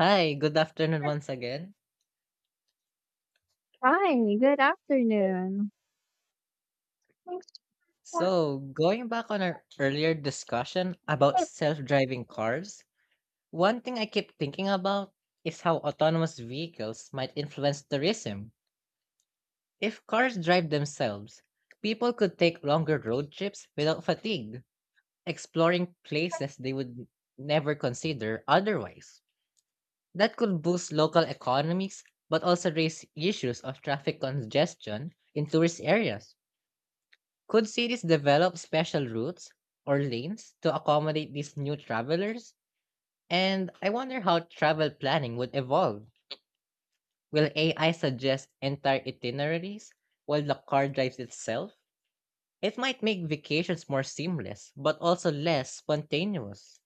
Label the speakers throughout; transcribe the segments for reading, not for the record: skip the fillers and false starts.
Speaker 1: Hi, good afternoon once again.
Speaker 2: Hi, good afternoon.
Speaker 1: So, going back on our earlier discussion about self driving cars, one thing I keep thinking about is how autonomous vehicles might influence tourism. If cars drive themselves, people could take longer road trips without fatigue, exploring places they would never consider otherwise. That could boost local economies, but also raise issues of traffic congestion in tourist areas. Could cities develop special routes or lanes to accommodate these new travelers? And I wonder how travel planning would evolve. Will AI suggest entire itineraries while the car drives itself? It might make vacations more seamless, but also less spontaneous.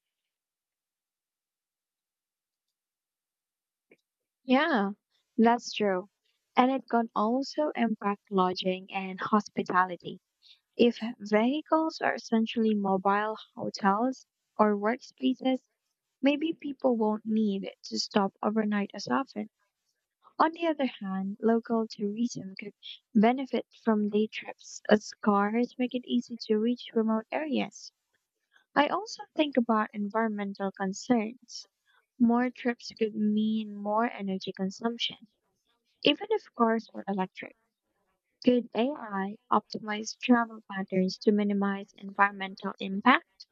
Speaker 2: Yeah, that's true. And it can also impact lodging and hospitality. If vehicles are essentially mobile hotels or workspaces, maybe people won't need to stop overnight as often. On the other hand, local tourism could benefit from day trips as cars make it easy to reach remote areas. I also think about environmental concerns. More trips could mean more energy consumption, even if cars were electric. Could AI optimize travel patterns to minimize environmental impact?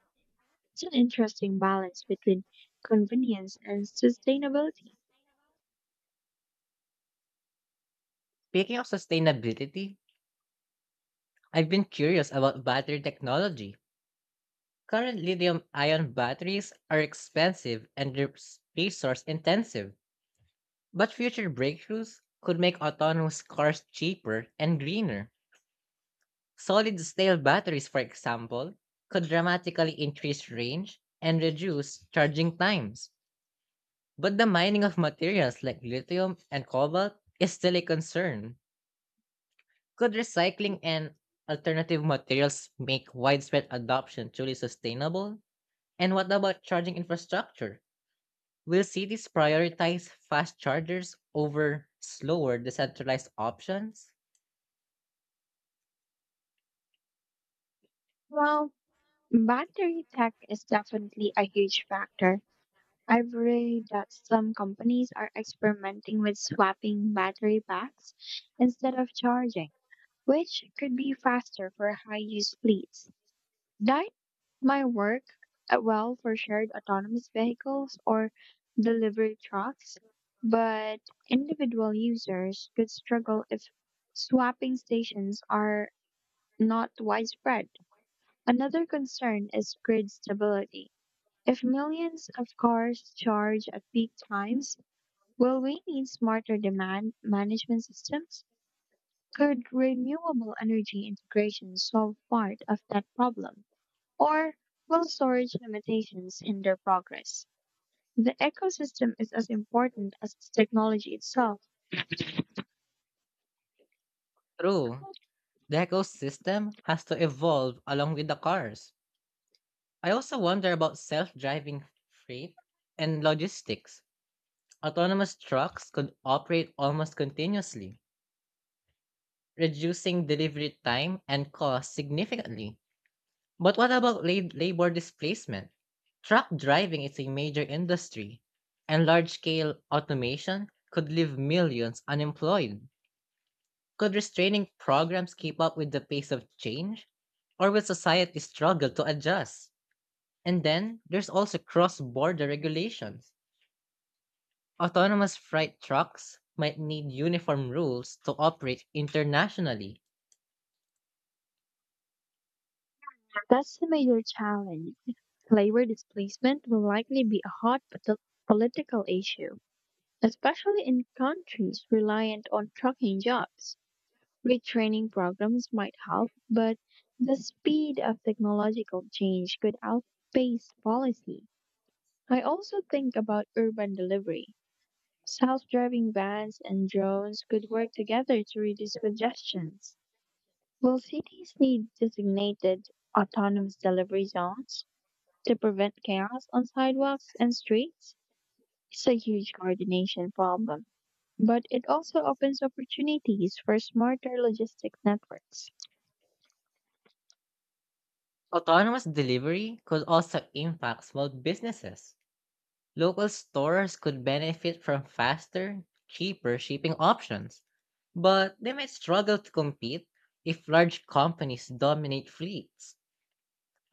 Speaker 2: It's an interesting balance between convenience and sustainability.
Speaker 1: Speaking of sustainability, I've been curious about battery technology. Current lithium ion batteries are expensive and resource intensive. But future breakthroughs could make autonomous cars cheaper and greener. Solid state batteries, for example, could dramatically increase range and reduce charging times. But the mining of materials like lithium and cobalt is still a concern. Could recycling and alternative materials make widespread adoption truly sustainable? And what about charging infrastructure? Will cities prioritize fast chargers over slower decentralized options?
Speaker 2: Well, battery tech is definitely a huge factor. I've read that some companies are experimenting with swapping battery packs instead of charging, which could be faster for high use fleets. Might my work well for shared autonomous vehicles or delivery trucks, but individual users could struggle if swapping stations are not widespread. Another concern is grid stability. If millions of cars charge at peak times, will we need smarter demand management systems? Could renewable energy integration solve part of that problem? Or well storage limitations hinder progress. The ecosystem is as important as its technology itself.
Speaker 1: True. The ecosystem has to evolve along with the cars. I also wonder about self driving freight and logistics. Autonomous trucks could operate almost continuously, reducing delivery time and cost significantly. But what about labor displacement? Truck driving is a major industry, and large scale automation could leave millions unemployed. Could restraining programs keep up with the pace of change? Or will society struggle to adjust? And then there's also cross border regulations. Autonomous freight trucks might need uniform rules to operate internationally.
Speaker 2: That's the major challenge. Labor displacement will likely be a political issue, especially in countries reliant on trucking jobs. Retraining programs might help, but the speed of technological change could outpace policy. I also think about urban delivery. Self-driving vans and drones could work together to reduce congestion. Will cities need designated autonomous delivery zones to prevent chaos on sidewalks and streets? It's a huge coordination problem, but it also opens opportunities for smarter logistics networks.
Speaker 1: Autonomous delivery could also impact small businesses. Local stores could benefit from faster, cheaper shipping options, but they might struggle to compete if large companies dominate fleets.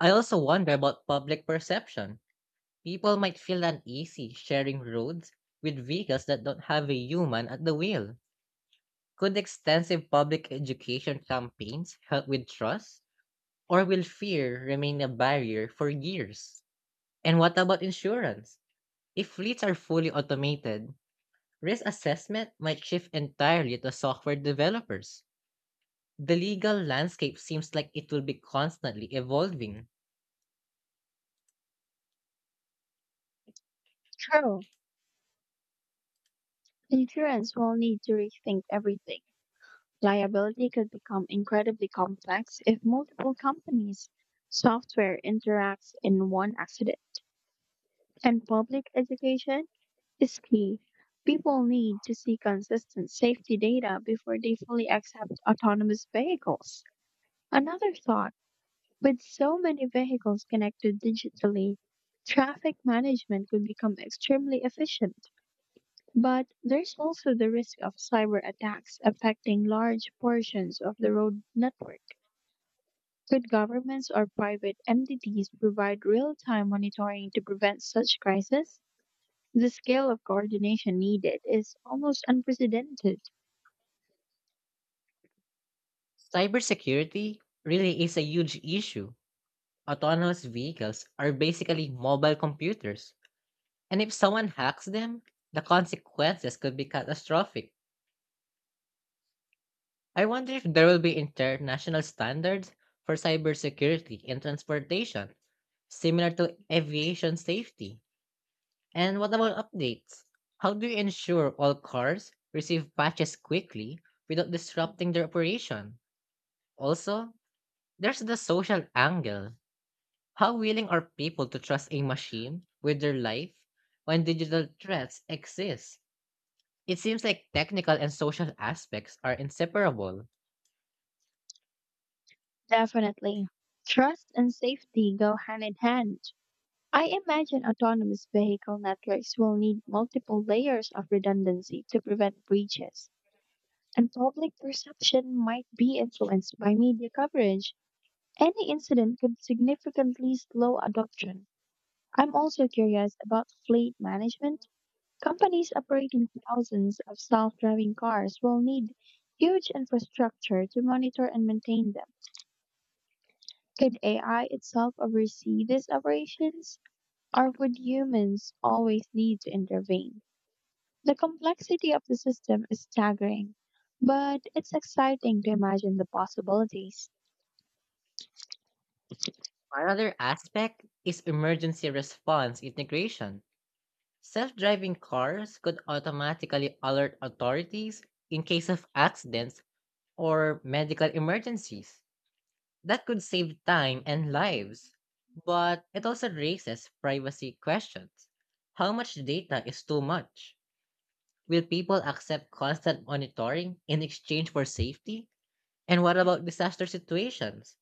Speaker 1: I also wonder about public perception. People might feel uneasy sharing roads with vehicles that don't have a human at the wheel. Could extensive public education campaigns help with trust? Or will fear remain a barrier for years? And what about insurance? If fleets are fully automated, risk assessment might shift entirely to software developers. The legal landscape seems like it will be constantly evolving.
Speaker 2: True. Insurance will need to rethink everything. Liability could become incredibly complex if multiple companies' software interacts in one accident. And public education is key. People need to see consistent safety data before they fully accept autonomous vehicles. Another thought: with so many vehicles connected digitally, traffic management could become extremely efficient. But there's also the risk of cyber attacks affecting large portions of the road network. Could governments or private entities provide real time monitoring to prevent such crises? The scale of coordination needed is almost unprecedented.
Speaker 1: Cybersecurity really is a huge issue. Autonomous vehicles are basically mobile computers, and if someone hacks them, the consequences could be catastrophic. I wonder if there will be international standards for cybersecurity in transportation, similar to aviation safety. And what about updates? How do you ensure all cars receive patches quickly without disrupting their operation? Also, there's the social angle. How willing are people to trust a machine with their life when digital threats exist? It seems like technical and social aspects are inseparable.
Speaker 2: Definitely. Trust and safety go hand in hand. I imagine autonomous vehicle networks will need multiple layers of redundancy to prevent breaches, and public perception might be influenced by media coverage. Any incident could significantly slow adoption. I'm also curious about fleet management. Companies operating thousands of self-driving cars will need huge infrastructure to monitor and maintain them. Could AI itself oversee these operations, or would humans always need to intervene? The complexity of the system is staggering, but it's exciting to imagine the possibilities.
Speaker 1: Another aspect is emergency response integration. Self driving cars could automatically alert authorities in case of accidents or medical emergencies. That could save time and lives, but it also raises privacy questions. How much data is too much? Will people accept constant monitoring in exchange for safety? And what about disaster situations?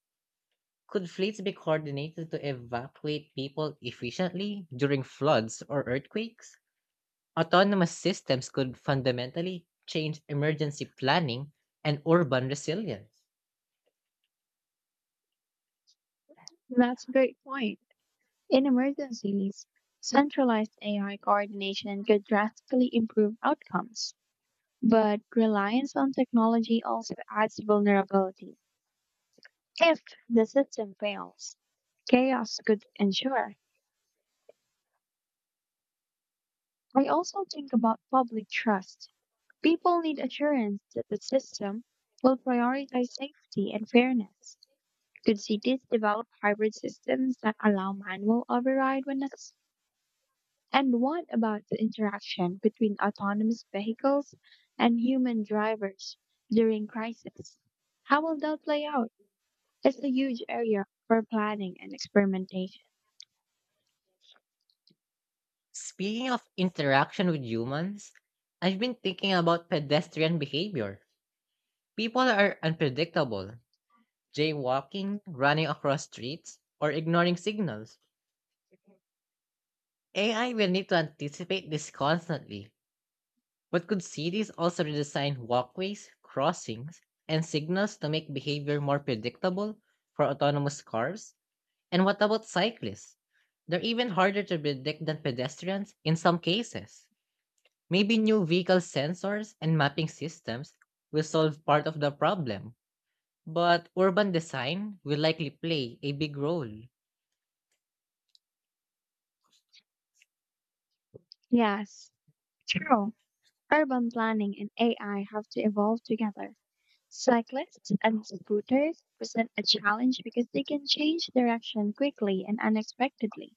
Speaker 1: Could fleets be coordinated to evacuate people efficiently during floods or earthquakes? Autonomous systems could fundamentally change emergency planning and urban resilience.
Speaker 2: That's a great point. In emergencies, centralized AI coordination could drastically improve outcomes. But reliance on technology also adds vulnerability. If the system fails, chaos could ensue. I also think about public trust. People need assurance that the system will prioritize safety and fairness. Could cities develop hybrid systems that allow manual override when necessary? And what about the interaction between autonomous vehicles and human drivers during crisis? How will that play out? It's a huge area for planning and experimentation.
Speaker 1: Speaking of interaction with humans, I've been thinking about pedestrian behavior. People are unpredictable, jaywalking, running across streets, or ignoring signals. AI will need to anticipate this constantly, but could cities also redesign walkways, crossings, and signals to make behavior more predictable for autonomous cars? And what about cyclists? They're even harder to predict than pedestrians in some cases. Maybe new vehicle sensors and mapping systems will solve part of the problem, but urban design will likely play a big role.
Speaker 2: Yes, true. Urban planning and AI have to evolve together. Cyclists and scooters present a challenge because they can change direction quickly and unexpectedly.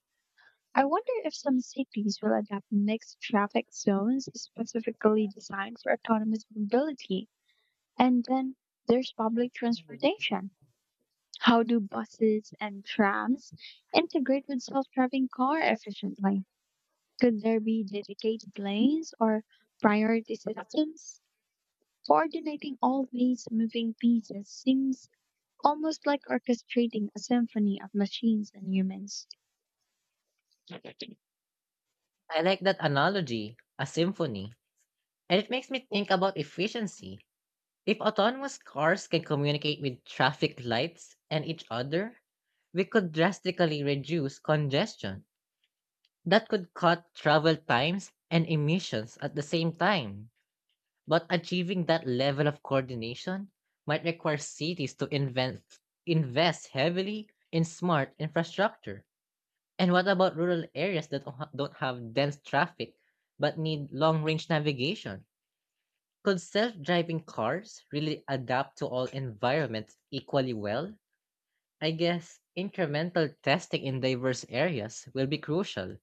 Speaker 2: I wonder if some cities will adopt mixed traffic zones specifically designed for autonomous mobility. And then there's public transportation. How do buses and trams integrate with self driving car efficiently? Could there be dedicated lanes or priority systems? Coordinating all these moving pieces seems almost like orchestrating a symphony of machines and humans.
Speaker 1: I like that analogy, a symphony. And it makes me think about efficiency. If autonomous cars can communicate with traffic lights and each other, we could drastically reduce congestion. That could cut travel times and emissions at the same time. But achieving that level of coordination might require cities to invest heavily in smart infrastructure. And what about rural areas that don't have dense traffic but need long range navigation? Could self-driving cars really adapt to all environments equally well? I guess incremental testing in diverse areas will be crucial.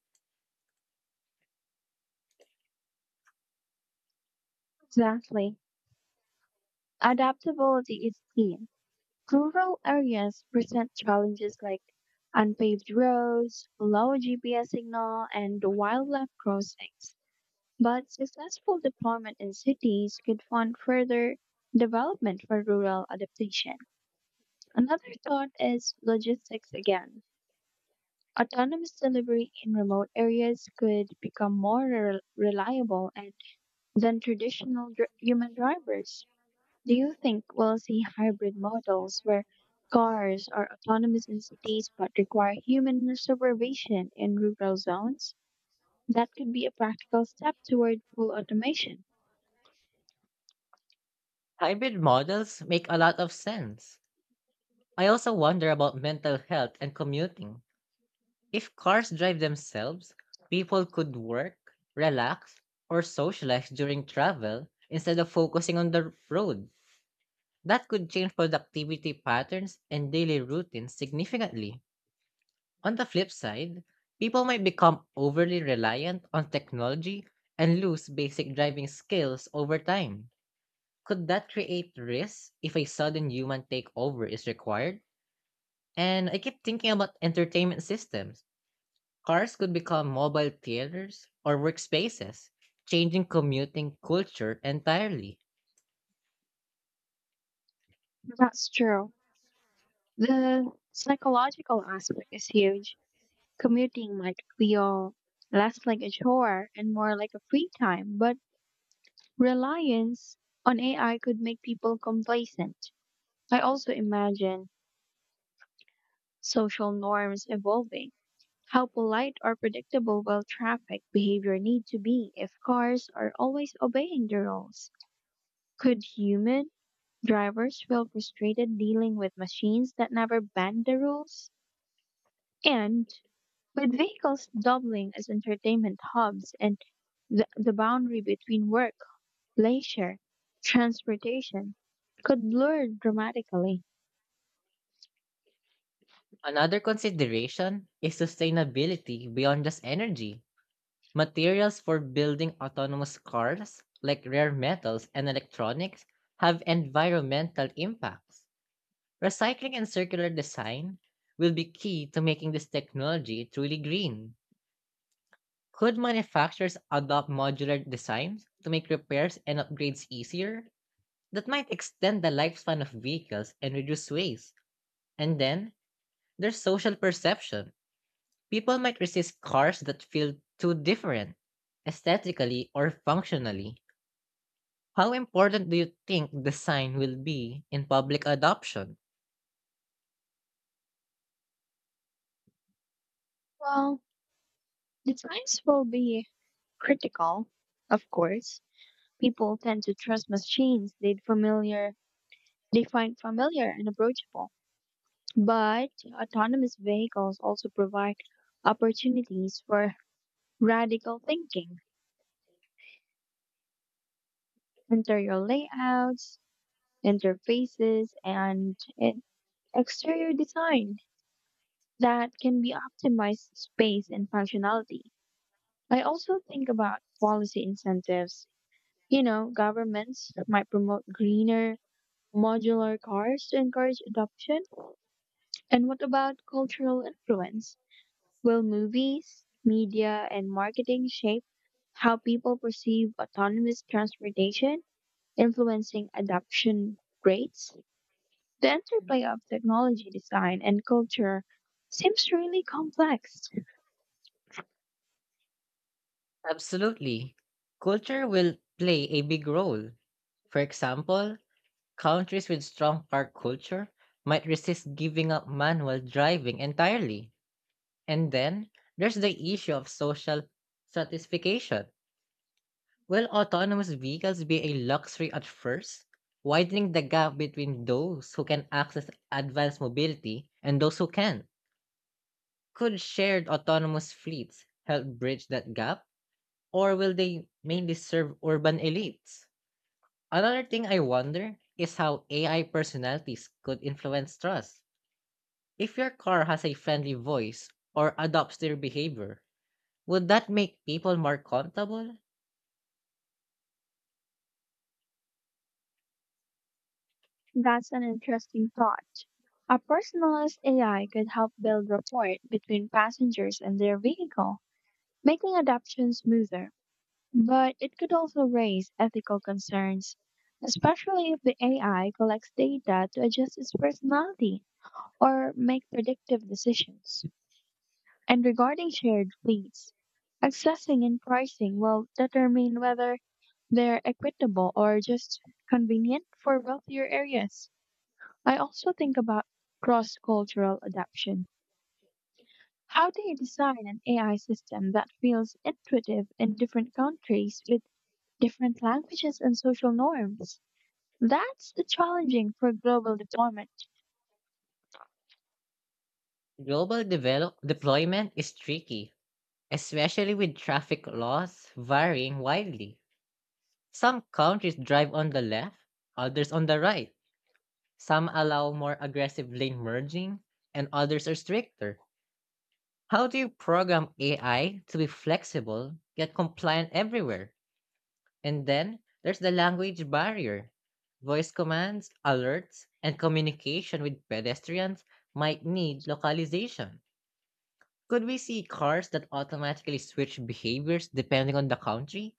Speaker 2: Exactly. Adaptability is key. Rural areas present challenges like unpaved roads, low GPS signal, and wildlife crossings. But successful deployment in cities could fund further development for rural adaptation. Another thought is logistics again. Autonomous delivery in remote areas could become more reliable and than traditional human drivers. Do you think we'll see hybrid models where cars are autonomous in cities but require human supervision in rural zones? That could be a practical step toward full automation.
Speaker 1: Hybrid models make a lot of sense. I also wonder about mental health and commuting. If cars drive themselves, people could work, relax, or socialize during travel instead of focusing on the road. That could change productivity patterns and daily routines significantly. On the flip side, people might become overly reliant on technology and lose basic driving skills over time. Could that create risks if a sudden human takeover is required? And I keep thinking about entertainment systems. Cars could become mobile theaters or workspaces, changing commuting culture entirely.
Speaker 2: That's true. The psychological aspect is huge. Commuting might feel less like a chore and more like a free time, but reliance on AI could make people complacent. I also imagine social norms evolving. How polite or predictable will traffic behavior need to be if cars are always obeying the rules? Could human drivers feel frustrated dealing with machines that never bend the rules? And with vehicles doubling as entertainment hubs and the boundary between work, leisure, transportation could blur dramatically.
Speaker 1: Another consideration is sustainability beyond just energy. Materials for building autonomous cars, like rare metals and electronics, have environmental impacts. Recycling and circular design will be key to making this technology truly green. Could manufacturers adopt modular designs to make repairs and upgrades easier? That might extend the lifespan of vehicles and reduce waste. And then, there's social perception. People might resist cars that feel too different, aesthetically or functionally. How important do you think design will be in public adoption?
Speaker 2: Well, the times will be critical, of course. People tend to trust machines they find familiar and approachable. But autonomous vehicles also provide opportunities for radical thinking. Interior layouts, interfaces, and exterior design that can be optimized space and functionality. I also think about policy incentives. You know, governments might promote greener, modular cars to encourage adoption. And what about cultural influence? Will movies, media, and marketing shape how people perceive autonomous transportation, influencing adoption rates? The interplay of technology design and culture seems really complex.
Speaker 1: Absolutely. Culture will play a big role. For example, countries with strong car culture might resist giving up manual driving entirely. And then there's the issue of social stratification. Will autonomous vehicles be a luxury at first, widening the gap between those who can access advanced mobility and those who can't? Could shared autonomous fleets help bridge that gap, or will they mainly serve urban elites? Another thing I wonder is how AI personalities could influence trust. If your car has a friendly voice or adopts their behavior, would that make people more comfortable?
Speaker 2: That's an interesting thought. A personalized AI could help build rapport between passengers and their vehicle, making adoption smoother. But it could also raise ethical concerns, especially if the AI collects data to adjust its personality or make predictive decisions. And regarding shared fleets, accessing and pricing will determine whether they're equitable or just convenient for wealthier areas. I also think about cross cultural adoption. How do you design an AI system that feels intuitive in different countries with different languages and social norms? That's challenging for global deployment.
Speaker 1: Global deployment is tricky, especially with traffic laws varying widely. Some countries drive on the left, others on the right. Some allow more aggressive lane merging, and others are stricter. How do you program AI to be flexible yet compliant everywhere? And then there's the language barrier. Voice commands, alerts, and communication with pedestrians might need localization. Could we see cars that automatically switch behaviors depending on the country?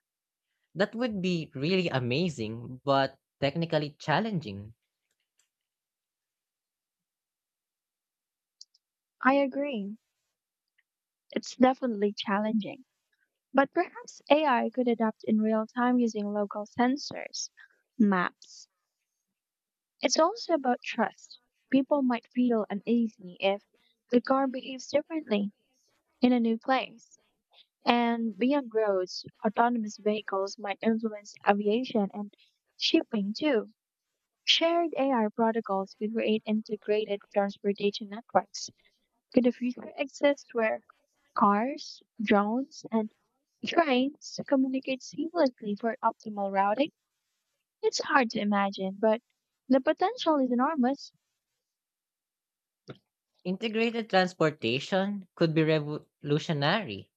Speaker 1: That would be really amazing, but technically challenging.
Speaker 2: I agree. It's definitely challenging. But perhaps AI could adapt in real time using local sensors, maps. It's also about trust. People might feel uneasy if the car behaves differently in a new place. And beyond roads, autonomous vehicles might influence aviation and shipping too. Shared AR protocols could create integrated transportation networks. Could a future exist where cars, drones, and trains communicate seamlessly for optimal routing? It's hard to imagine, but the potential is enormous.
Speaker 1: Integrated transportation could be revolutionary.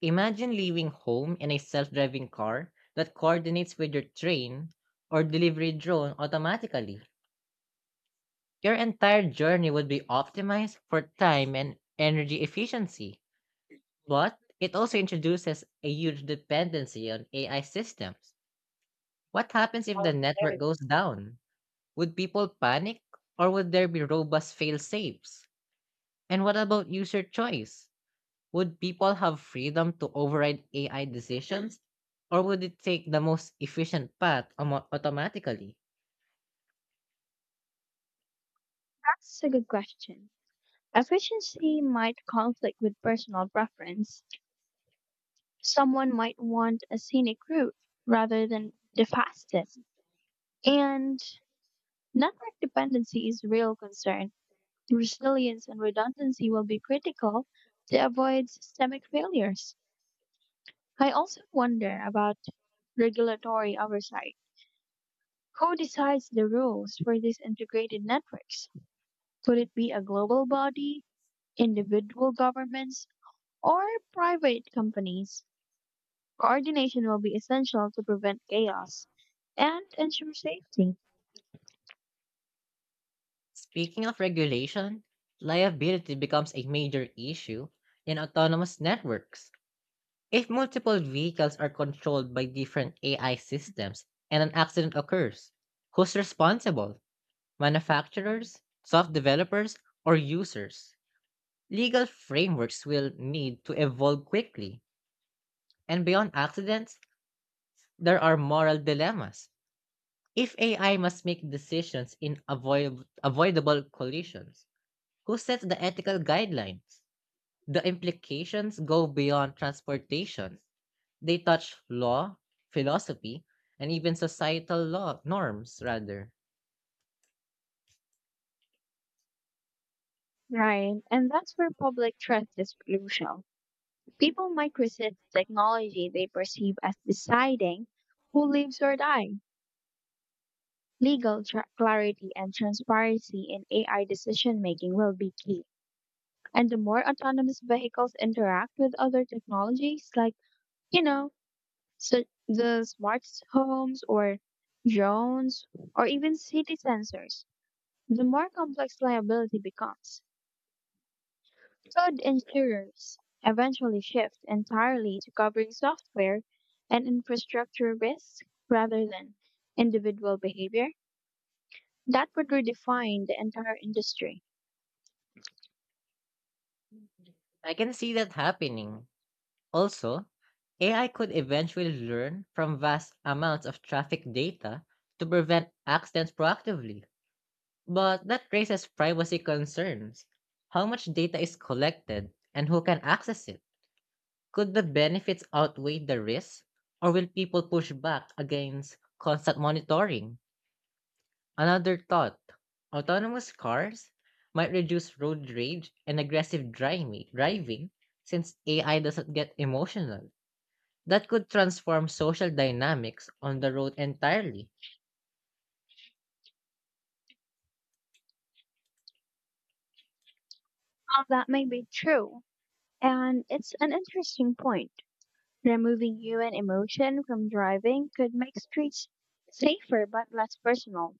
Speaker 1: Imagine leaving home in a self driving car that coordinates with your train or delivery drone automatically. Your entire journey would be optimized for time and energy efficiency. But it also introduces a huge dependency on AI systems. What happens if the
Speaker 2: That's
Speaker 1: network goes down? Would people panic or would there be robust fail safes? And what about user choice? Would people have freedom to override AI decisions, or would it take the most efficient path automatically?
Speaker 2: a good question. Efficiency might conflict with personal preference. Someone might want a scenic route rather than the fastest. And network dependency is a real concern. Resilience and redundancy will be critical to avoid systemic failures. I also wonder about regulatory oversight. Who decides the rules for these integrated networks? Could it be a global body, individual governments, or private companies? Coordination will be essential to prevent chaos and ensure safety.
Speaker 1: Speaking of regulation, liability becomes a major issue in autonomous networks. If multiple vehicles are controlled by different AI systems and an accident occurs, who's responsible? Manufacturers, soft developers, or users? Legal frameworks will need to evolve quickly, and beyond accidents, there are moral dilemmas. If AI must make decisions in avoidable collisions, who sets the ethical guidelines? The implications go beyond transportation. They touch law, philosophy, and even societal law norms rather.
Speaker 2: Right, and that's where public trust is crucial. People might resist technology they perceive as deciding who lives or dies. Clarity and transparency in AI decision making will be key. And the more autonomous vehicles interact with other technologies, like, you know, so the smart homes or drones or even city sensors, the more complex liability becomes. Cloud insurers eventually shift entirely to covering software and infrastructure risks rather than individual behavior. That would redefine the entire industry.
Speaker 1: I can see that happening. Also, AI could eventually learn from vast amounts of traffic data to prevent accidents proactively. But that raises privacy concerns. How much data is collected and who can access it? Could the benefits outweigh the risks? Or will people push back against constant monitoring? Another thought, autonomous cars might reduce road rage and aggressive driving since AI doesn't get emotional. That could transform social dynamics on the road entirely.
Speaker 2: Well, that may be true, and it's an interesting point. Removing human emotion from driving could make streets safer but less personal.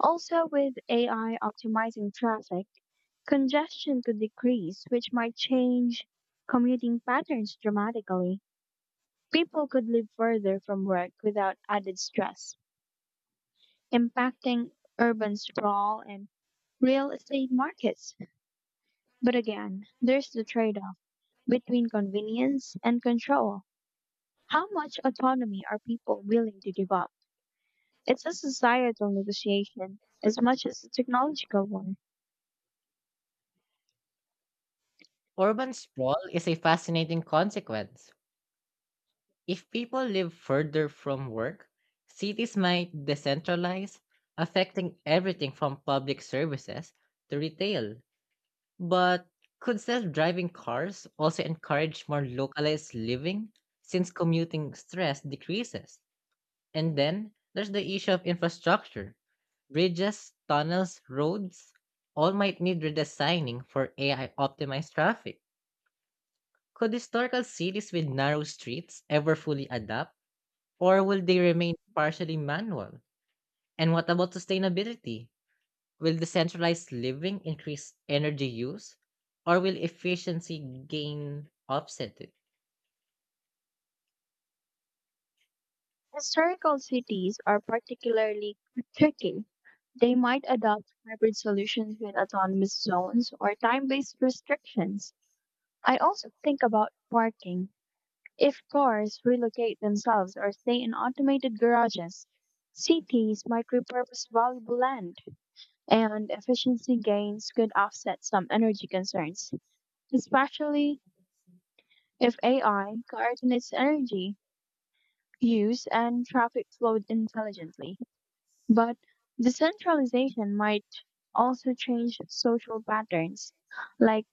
Speaker 2: Also, with AI optimizing traffic, congestion could decrease, which might change commuting patterns dramatically. People could live further from work without added stress, impacting urban sprawl and real estate markets. But again, there's the trade off between convenience and control. How much autonomy are people willing to give up? It's a societal negotiation as much as a technological one.
Speaker 1: Urban sprawl is a fascinating consequence. If people live further from work, cities might decentralize, affecting everything from public services to retail. But could self driving cars also encourage more localized living since commuting stress decreases? And then there's the issue of infrastructure, bridges, tunnels, roads, all might need redesigning for AI optimized traffic. Could historical cities with narrow streets ever fully adapt? Or will they remain partially manual? And what about sustainability? Will decentralized living increase energy use? Or will efficiency gain offset it?
Speaker 2: Historical cities are particularly tricky. They might adopt hybrid solutions with autonomous zones or time based restrictions. I also think about parking. If cars relocate themselves or stay in automated garages, cities might repurpose valuable land, and efficiency gains could offset some energy concerns, especially if AI coordinates energy use and traffic flow intelligently. But decentralization might also change social patterns, like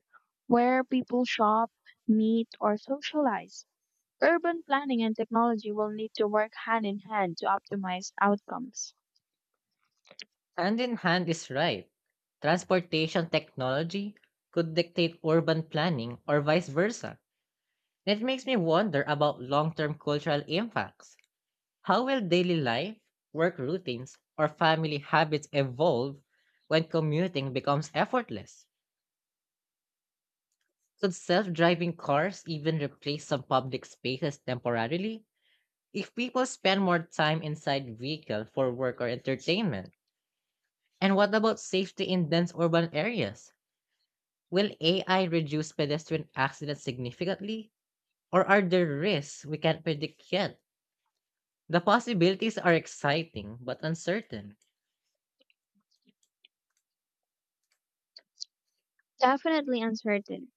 Speaker 2: where people shop, meet, or socialize. Urban planning and technology will need to work hand in hand to optimize outcomes.
Speaker 1: Hand in hand is right. Transportation technology could dictate urban planning or vice versa. It makes me wonder about long term cultural impacts. How will daily life, work routines, or family habits evolve when commuting becomes effortless? Could self driving cars even replace some public spaces temporarily if people spend more time inside vehicle for work or entertainment? And what about safety in dense urban areas? Will AI reduce pedestrian accidents significantly? Or are there risks we can't predict yet? The possibilities are exciting but uncertain.
Speaker 2: Definitely uncertain.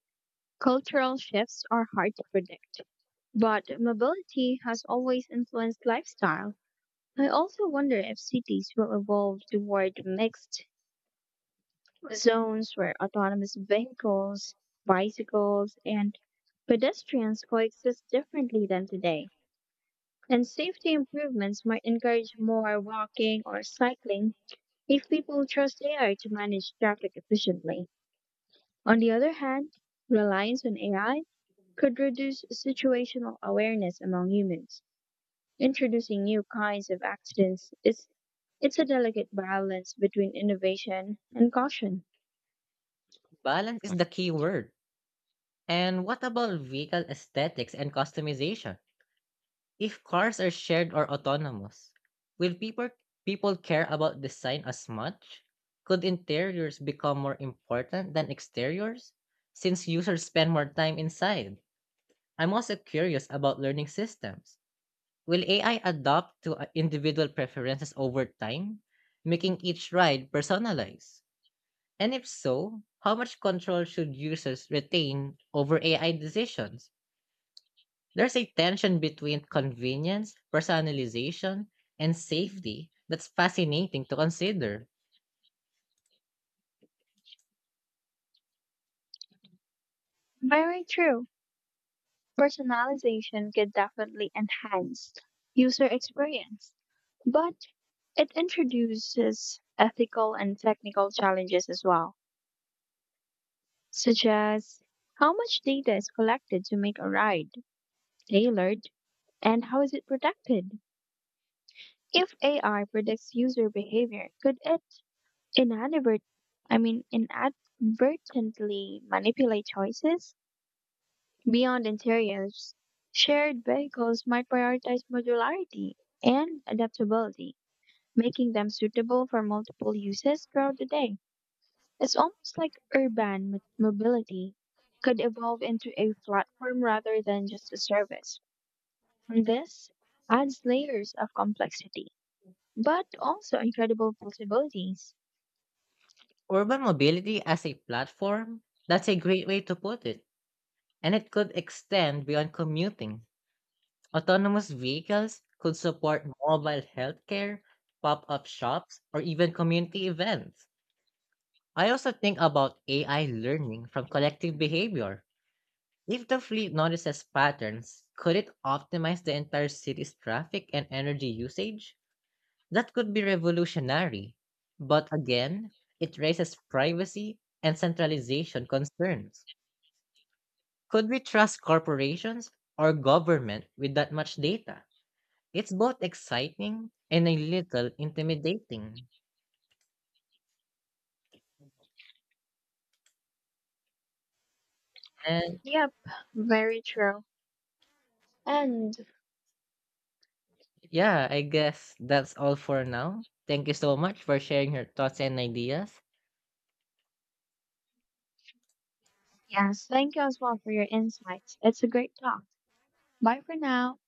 Speaker 2: Cultural shifts are hard to predict, but mobility has always influenced lifestyle. I also wonder if cities will evolve toward mixed zones where autonomous vehicles, bicycles, and pedestrians coexist differently than today. And safety improvements might encourage more walking or cycling if people trust AI to manage traffic efficiently. On the other hand, reliance on AI could reduce situational awareness among humans, introducing new kinds of accidents. It's a delicate balance between innovation and caution.
Speaker 1: Balance is the key word. And what about vehicle aesthetics and customization? If cars are shared or autonomous, will people care about design as much? Could interiors become more important than exteriors since users spend more time inside? I'm also curious about learning systems. Will AI adapt to individual preferences over time, making each ride personalized? And if so, how much control should users retain over AI decisions? There's a tension between convenience, personalization, and safety that's fascinating to consider.
Speaker 2: Very true. Personalization can definitely enhance user experience, but it introduces ethical and technical challenges as well, such as how much data is collected to make a ride tailored and how is it protected? If AI predicts user behavior, could it inadvert inadvertently manipulate choices? Beyond interiors, shared vehicles might prioritize modularity and adaptability, making them suitable for multiple uses throughout the day. It's almost like urban mobility could evolve into a platform rather than just a service. And this adds layers of complexity, but also incredible possibilities.
Speaker 1: Urban mobility as a platform? That's a great way to put it. And it could extend beyond commuting. Autonomous vehicles could support mobile healthcare, pop up shops, or even community events. I also think about AI learning from collective behavior. If the fleet notices patterns, could it optimize the entire city's traffic and energy usage? That could be revolutionary. But again, it raises privacy and centralization concerns. Could we trust corporations or government with that much data? It's both exciting and a little intimidating. And
Speaker 2: Yep, very true. And
Speaker 1: yeah, I guess that's all for now. Thank you so much for sharing your thoughts and ideas.
Speaker 2: yes, thank you as well for your insights. It's a great talk. Bye for now.